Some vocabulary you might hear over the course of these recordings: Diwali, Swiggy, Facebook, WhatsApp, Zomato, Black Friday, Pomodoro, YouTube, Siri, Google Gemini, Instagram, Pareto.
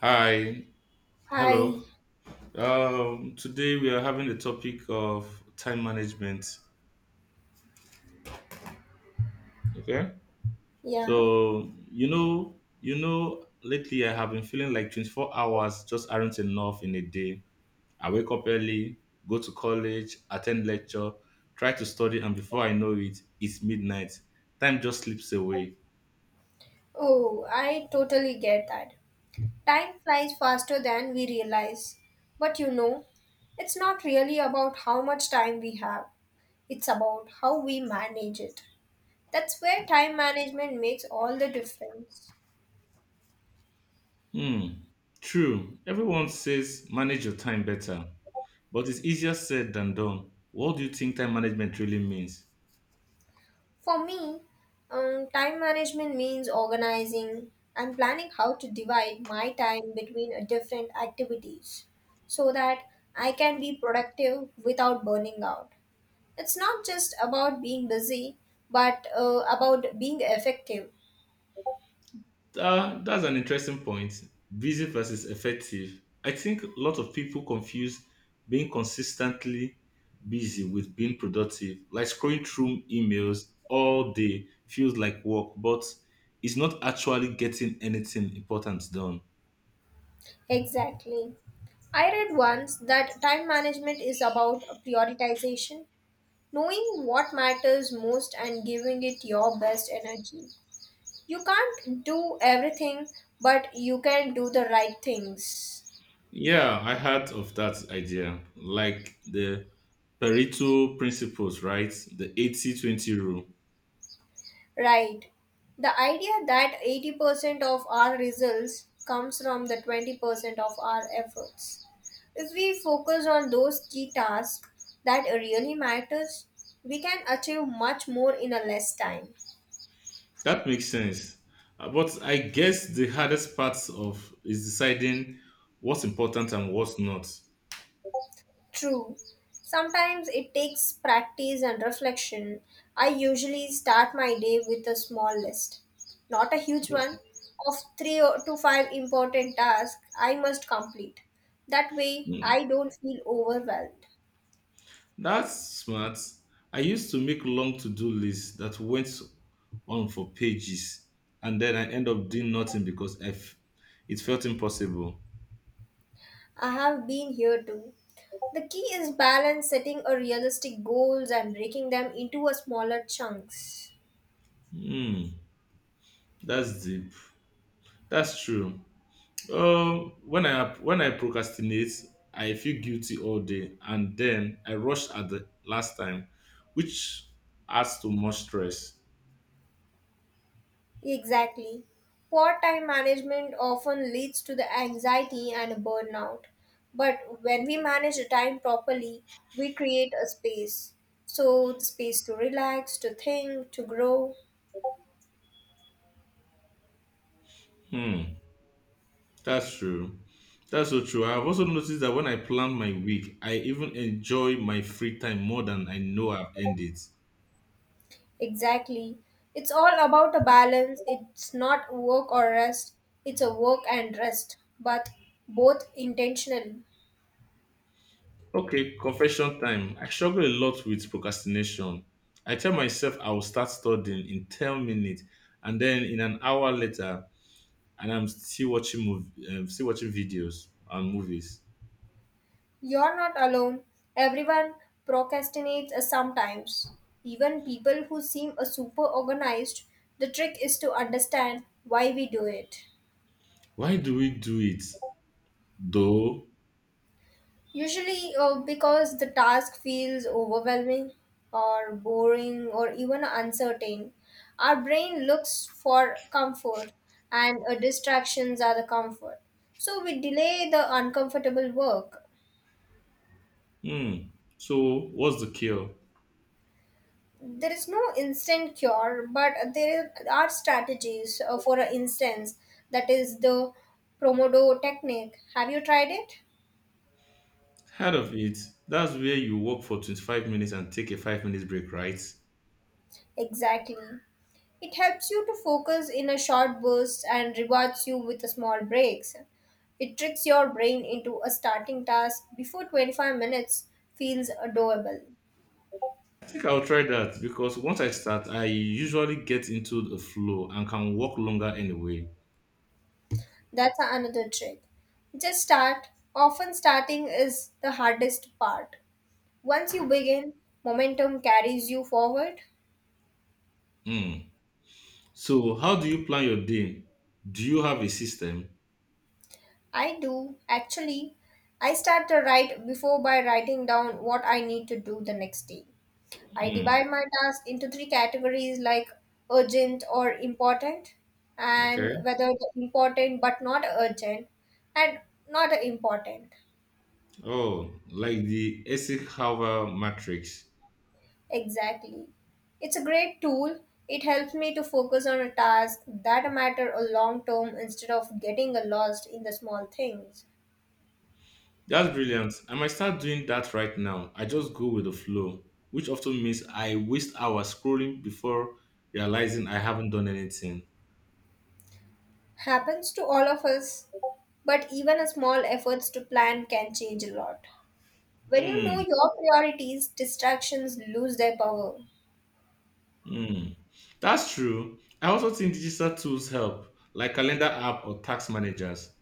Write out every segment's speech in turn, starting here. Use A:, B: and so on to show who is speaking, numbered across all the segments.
A: Hi,
B: Hi,
A: hello. Today we are having the topic of time management. Okay,
B: yeah.
A: so lately I have been feeling like 24 hours just aren't enough in a day. I wake up early, go to college, attend lecture, try to study, and before I know it, it's midnight. Time just slips away.
B: Oh, I totally get that. Time flies faster than we realize. But you know, it's not really about how much time we have, it's about how we manage it. That's where time management makes all the difference.
A: Hmm, true. Everyone says manage your time better, but it's easier said than done. What do you think time management really means?
B: For me, time management means organizing and planning how to divide my time between different activities so that I can be productive without burning out. It's not just about being busy, but about being effective.
A: That's an interesting point. Busy versus effective. I think a lot of people confuse being consistently busy with being productive. Like scrolling through emails all day feels like work, but it's not actually getting anything important done.
B: Exactly. I read once that time management is about prioritization, knowing what matters most and giving it your best energy. You can't do everything, but you can do the right things.
A: Yeah, I heard of that idea. Like the Pareto principles, right? The 80/20 rule.
B: Right. The idea that 80% of our results comes from the 20% of our efforts. If we focus on those key tasks that really matters, we can achieve much more in a less time.
A: That makes sense. But I guess the hardest part of is deciding what's important and what's not.
B: True. Sometimes it takes practice and reflection. I usually start my day with a small list, not a huge
A: No-
B: one, of to five important tasks I must complete. That way,
A: mm,
B: I don't feel overwhelmed.
A: That's smart. I used to make long to-do lists that went on for pages, and then I end up doing nothing because it felt impossible.
B: I have been here too. The key is balance, setting a realistic goals and breaking them into a smaller chunks.
A: Hmm, that's deep. That's true. When I procrastinate, I feel guilty all day, and then I rush at the last time, which adds to much stress.
B: Exactly. Poor time management often leads to the anxiety and burnout. But when we manage the time properly, we create a space. So, the space to relax, to think, to grow.
A: Hmm, that's true. That's so true. I've also noticed that when I plan my week, I even enjoy my free time more than I know I've earned it.
B: Exactly. It's all about a balance. It's not work or rest, it's a work and rest, but both intentionally.
A: Okay, confession time. I struggle a lot with procrastination. I tell myself I will start studying in 10 minutes, and then in an hour later, and I'm still watching movie, still watching videos and movies.
B: You're not alone. Everyone procrastinates sometimes. Even people who seem super organized, the trick is to understand why we do it.
A: Why do we do it though?
B: Usually, because the task feels overwhelming or boring or even uncertain. Our brain looks for comfort, and distractions are the comfort. So, we delay the uncomfortable work.
A: Hmm. So what's the cure?
B: There is no instant cure, but there are strategies. For instance, that is the Pomodoro technique. Have you tried it?
A: Heard of it? That's where you walk for 25 minutes and take a 5 minutes break, right?
B: Exactly. It helps you to focus in a short burst and rewards you with small breaks. It tricks your brain into a starting task before 25 minutes feels doable.
A: I think I'll try that because once I start, I usually get into the flow and can walk longer anyway.
B: That's another trick. Just start. Often starting is the hardest part. Once you begin, momentum carries you forward.
A: Hmm. So how do you plan your day? Do you have a system?
B: I do, actually. I start to write before by writing down what I need to do the next day. I
A: Hmm.
B: divide my task into three categories like urgent or important, and
A: Okay.
B: whether the important but not urgent, and not important.
A: Oh, like the Essex Harbor matrix.
B: Exactly. It's a great tool. It helps me to focus on a task that matter a long term instead of getting lost in the small things.
A: That's brilliant. I might start doing that right now. I just go with the flow, which often means I waste hours scrolling before realizing I haven't done anything.
B: Happens to all of us, but even a small efforts to plan can change a lot. When you know
A: Mm,
B: your priorities, distractions lose their power.
A: mm. That's true. I also think digital tools help, like calendar app or tax managers.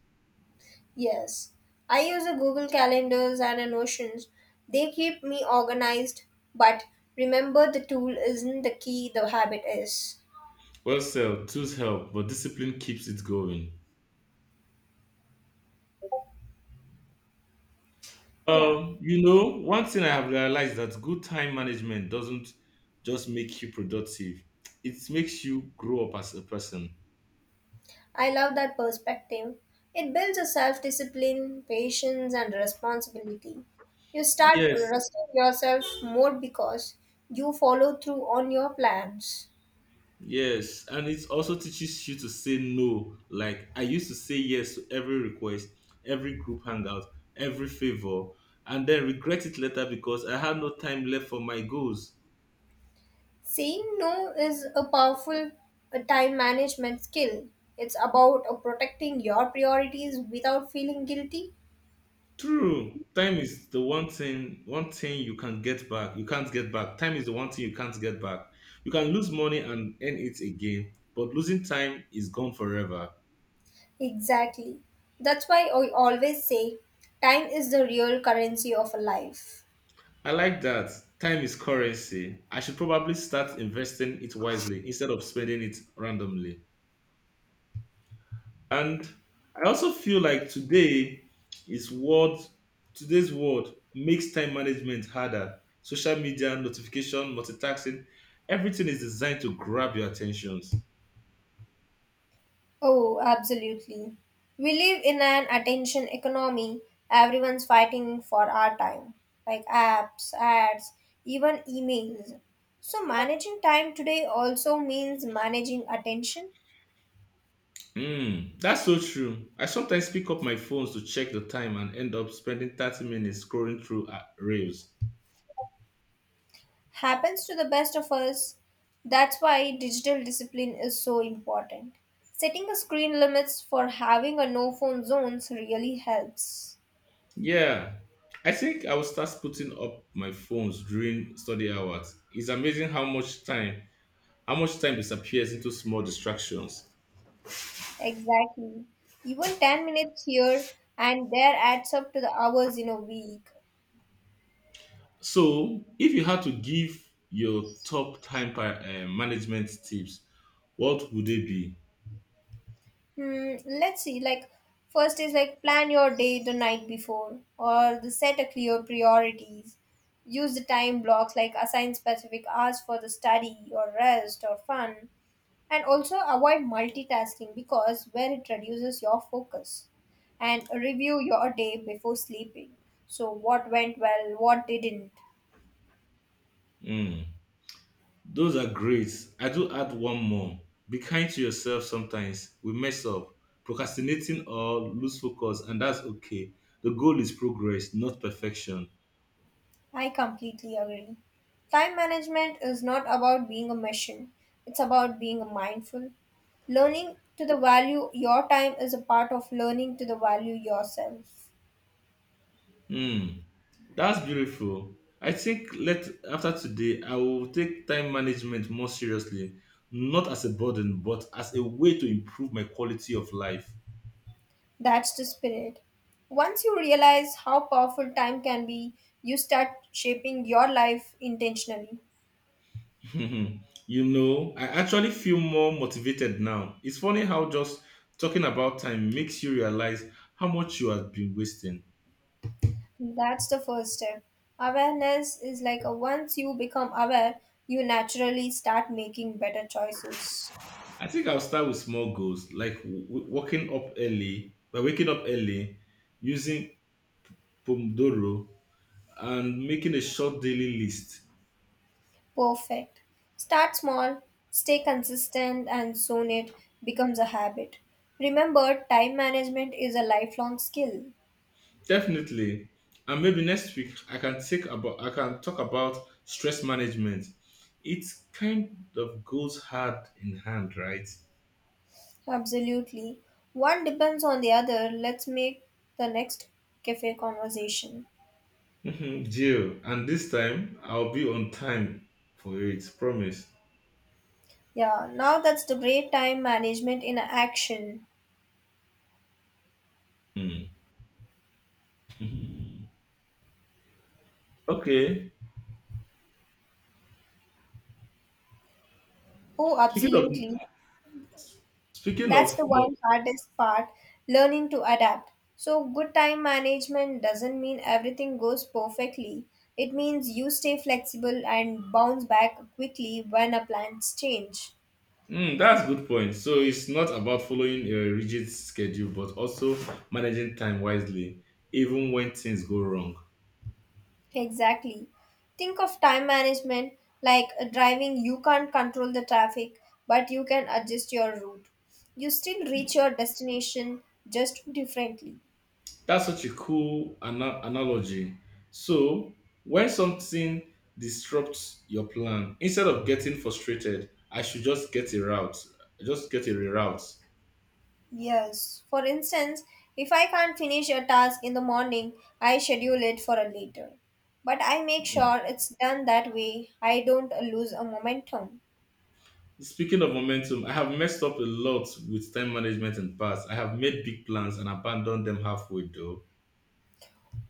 B: Yes, I use a Google Calendars and a Notions. They keep me organized, but remember the tool isn't the key, the habit is.
A: Well, so tools help, but discipline keeps it going.
B: Yeah.
A: One thing I have realized that good time management doesn't just make you productive; it makes you grow up as a person.
B: I love that perspective. It builds a self discipline, patience, and responsibility. You start
A: Yes,
B: trusting yourself more because you follow through on your plans.
A: yes, and it also teaches you to say no. Like I used to say yes to every request, every group hangout, every favor, and then regret it later because I had no time left for my goals.
B: Saying no is a powerful time management skill. It's about protecting your priorities without feeling guilty.
A: True, time is the one thing you can get back. You can't get back. Time is the one thing you can't get back. You can lose money and earn it again, but losing time is gone forever.
B: Exactly. That's why I always say time is the real currency of a life.
A: I like that. Time is currency. I should probably start investing it wisely instead of spending it randomly. And I also feel like is world today's world makes time management harder. Social media, notification, multitasking, everything is designed to grab your attentions.
B: Oh, absolutely. We live in an attention economy. Everyone's fighting for our time, like apps, ads, even emails. So, managing time today also means managing attention.
A: Mm, that's so true. I sometimes pick up my phones to check the time and end up spending 30 minutes scrolling through reels.
B: Happens to the best of us. That's why digital discipline is so important. Setting a screen limits for having a no phone zones really helps.
A: Yeah, I think I will start putting up my phones during study hours. It's amazing how much time disappears into small distractions.
B: Exactly. Even 10 minutes here and there adds up to the hours in a week.
A: So, if you had to give your top time management tips, what would they be?
B: Hmm, let's see. Like, first is like plan your day the night before, or the set a clear priorities. Use the time blocks like assign specific hours for the study or rest or fun, and also avoid multitasking because where it reduces your focus. And review your day before sleeping. So what went well, what didn't,
A: Hmm, those are great. I do add one more. Be kind to yourself sometimes. We mess up, procrastinating or lose focus, and that's okay. The goal is progress, not perfection.
B: I completely agree. Time management is not about being a machine, it's about being mindful. Learning to the value your time is a part of learning to the value yourself.
A: Hmm, that's beautiful. I think let after today, I will take time management more seriously, not as a burden, but as a way to improve my quality of life.
B: That's the spirit. Once you realize how powerful time can be, you start shaping your life intentionally.
A: Mhm. I actually feel more motivated now. It's funny how just talking about time makes you realize how much you have been wasting.
B: That's the first step. Awareness is like a once you become aware, you naturally start making better choices.
A: I think I'll start with small goals like by waking up early, using Pomodoro, and making a short daily list.
B: Perfect. Start small, stay consistent, and soon it becomes a habit. Remember, time management is a lifelong skill.
A: Definitely. And maybe next week I can talk about stress management. It kind of goes hand in hand, right?
B: Absolutely. One depends on the other. Let's make the next cafe conversation.
A: Mhm, deal. And this time I'll be on time for it. Promise.
B: Yeah, now that's the great time management in action.
A: Mm. Mhm. Okay.
B: Oh,
A: Speaking of
B: absolutely.
A: speaking
B: That's
A: of
B: the
A: mo-
B: one hardest part, learning to adapt. So, good time management doesn't mean everything goes perfectly. It means you stay flexible and bounce back quickly when a plans change.
A: mm, that's a good point. So it's not about following a rigid schedule, but also managing time wisely, even when things go wrong.
B: Exactly. Think of time management like driving, you can't control the traffic, but you can adjust your route. You still reach your destination just differently.
A: That's such a cool analogy. So when something disrupts your plan, instead of getting frustrated, I should just get a route. Just get a reroute.
B: Yes. For instance, if I can't finish a task in the morning, I schedule it for a later. But I make
A: Mm.
B: sure it's done that way I don't lose a momentum.
A: Speaking of momentum, I have messed up a lot with time management in the past. I have made big plans and abandoned them halfway though.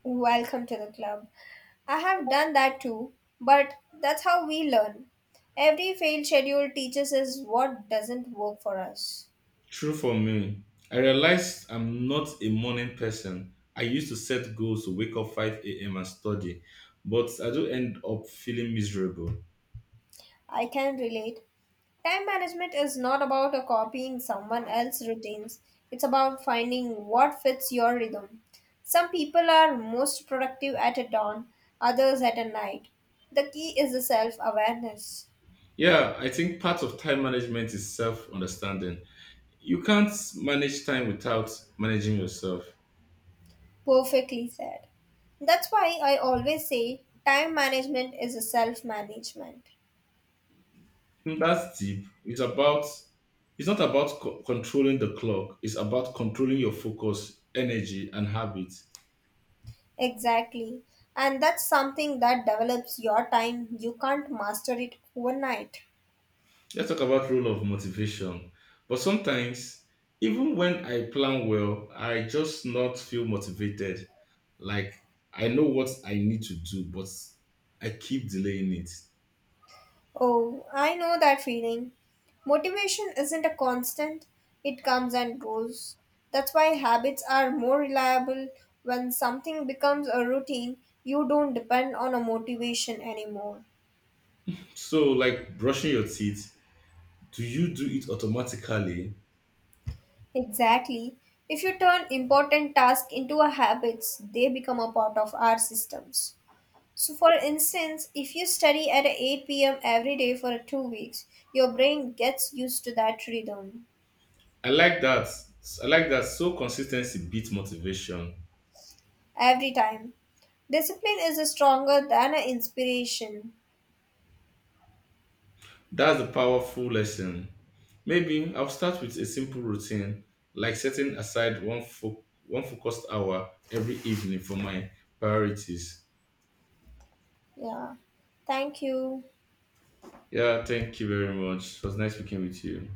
B: Welcome to the club. I have done that too, but that's how we learn. Every failed schedule teaches us what doesn't work for us.
A: True for me. I realized I'm not a morning person. I used to set goals to wake up 5 a.m. and study, but I do end up feeling miserable.
B: I can relate. Time management is not about copying someone else's routines, it's about finding what fits your rhythm. Some people are most productive at a dawn, others at a night. The key is the self awareness.
A: Yeah, I think part of time management is self understanding. You can't manage time without managing yourself.
B: Perfectly said. That's why I always say time management is a self management.
A: Mm, that's deep. It's not about controlling the clock. It's about controlling your focus, energy, and habits.
B: Exactly. And that's something that develops your time. You can't master it overnight.
A: Let's talk about role of motivation. But sometimes, even when I plan well, I just not feel motivated. Like I know what I need to do, but I keep delaying it.
B: Oh, I know that feeling. Motivation isn't a constant, it comes and goes. That's why habits are more reliable when something becomes a routine, you don't depend on a motivation anymore.
A: So, like brushing your teeth, do you do it automatically?
B: Exactly. If you turn important tasks into a habits, they become a part of our systems. So for instance, if you study at 8 p.m. every day for 2 weeks, your brain gets used to that rhythm.
A: I like that. I like that. So consistency beats motivation.
B: Every time. Discipline is stronger than a inspiration.
A: That's a powerful lesson. Maybe I'll start with a simple routine, like setting aside one focused hour every evening for my priorities.
B: Yeah. Thank you.
A: Yeah, thank you very much. It was nice speaking with you.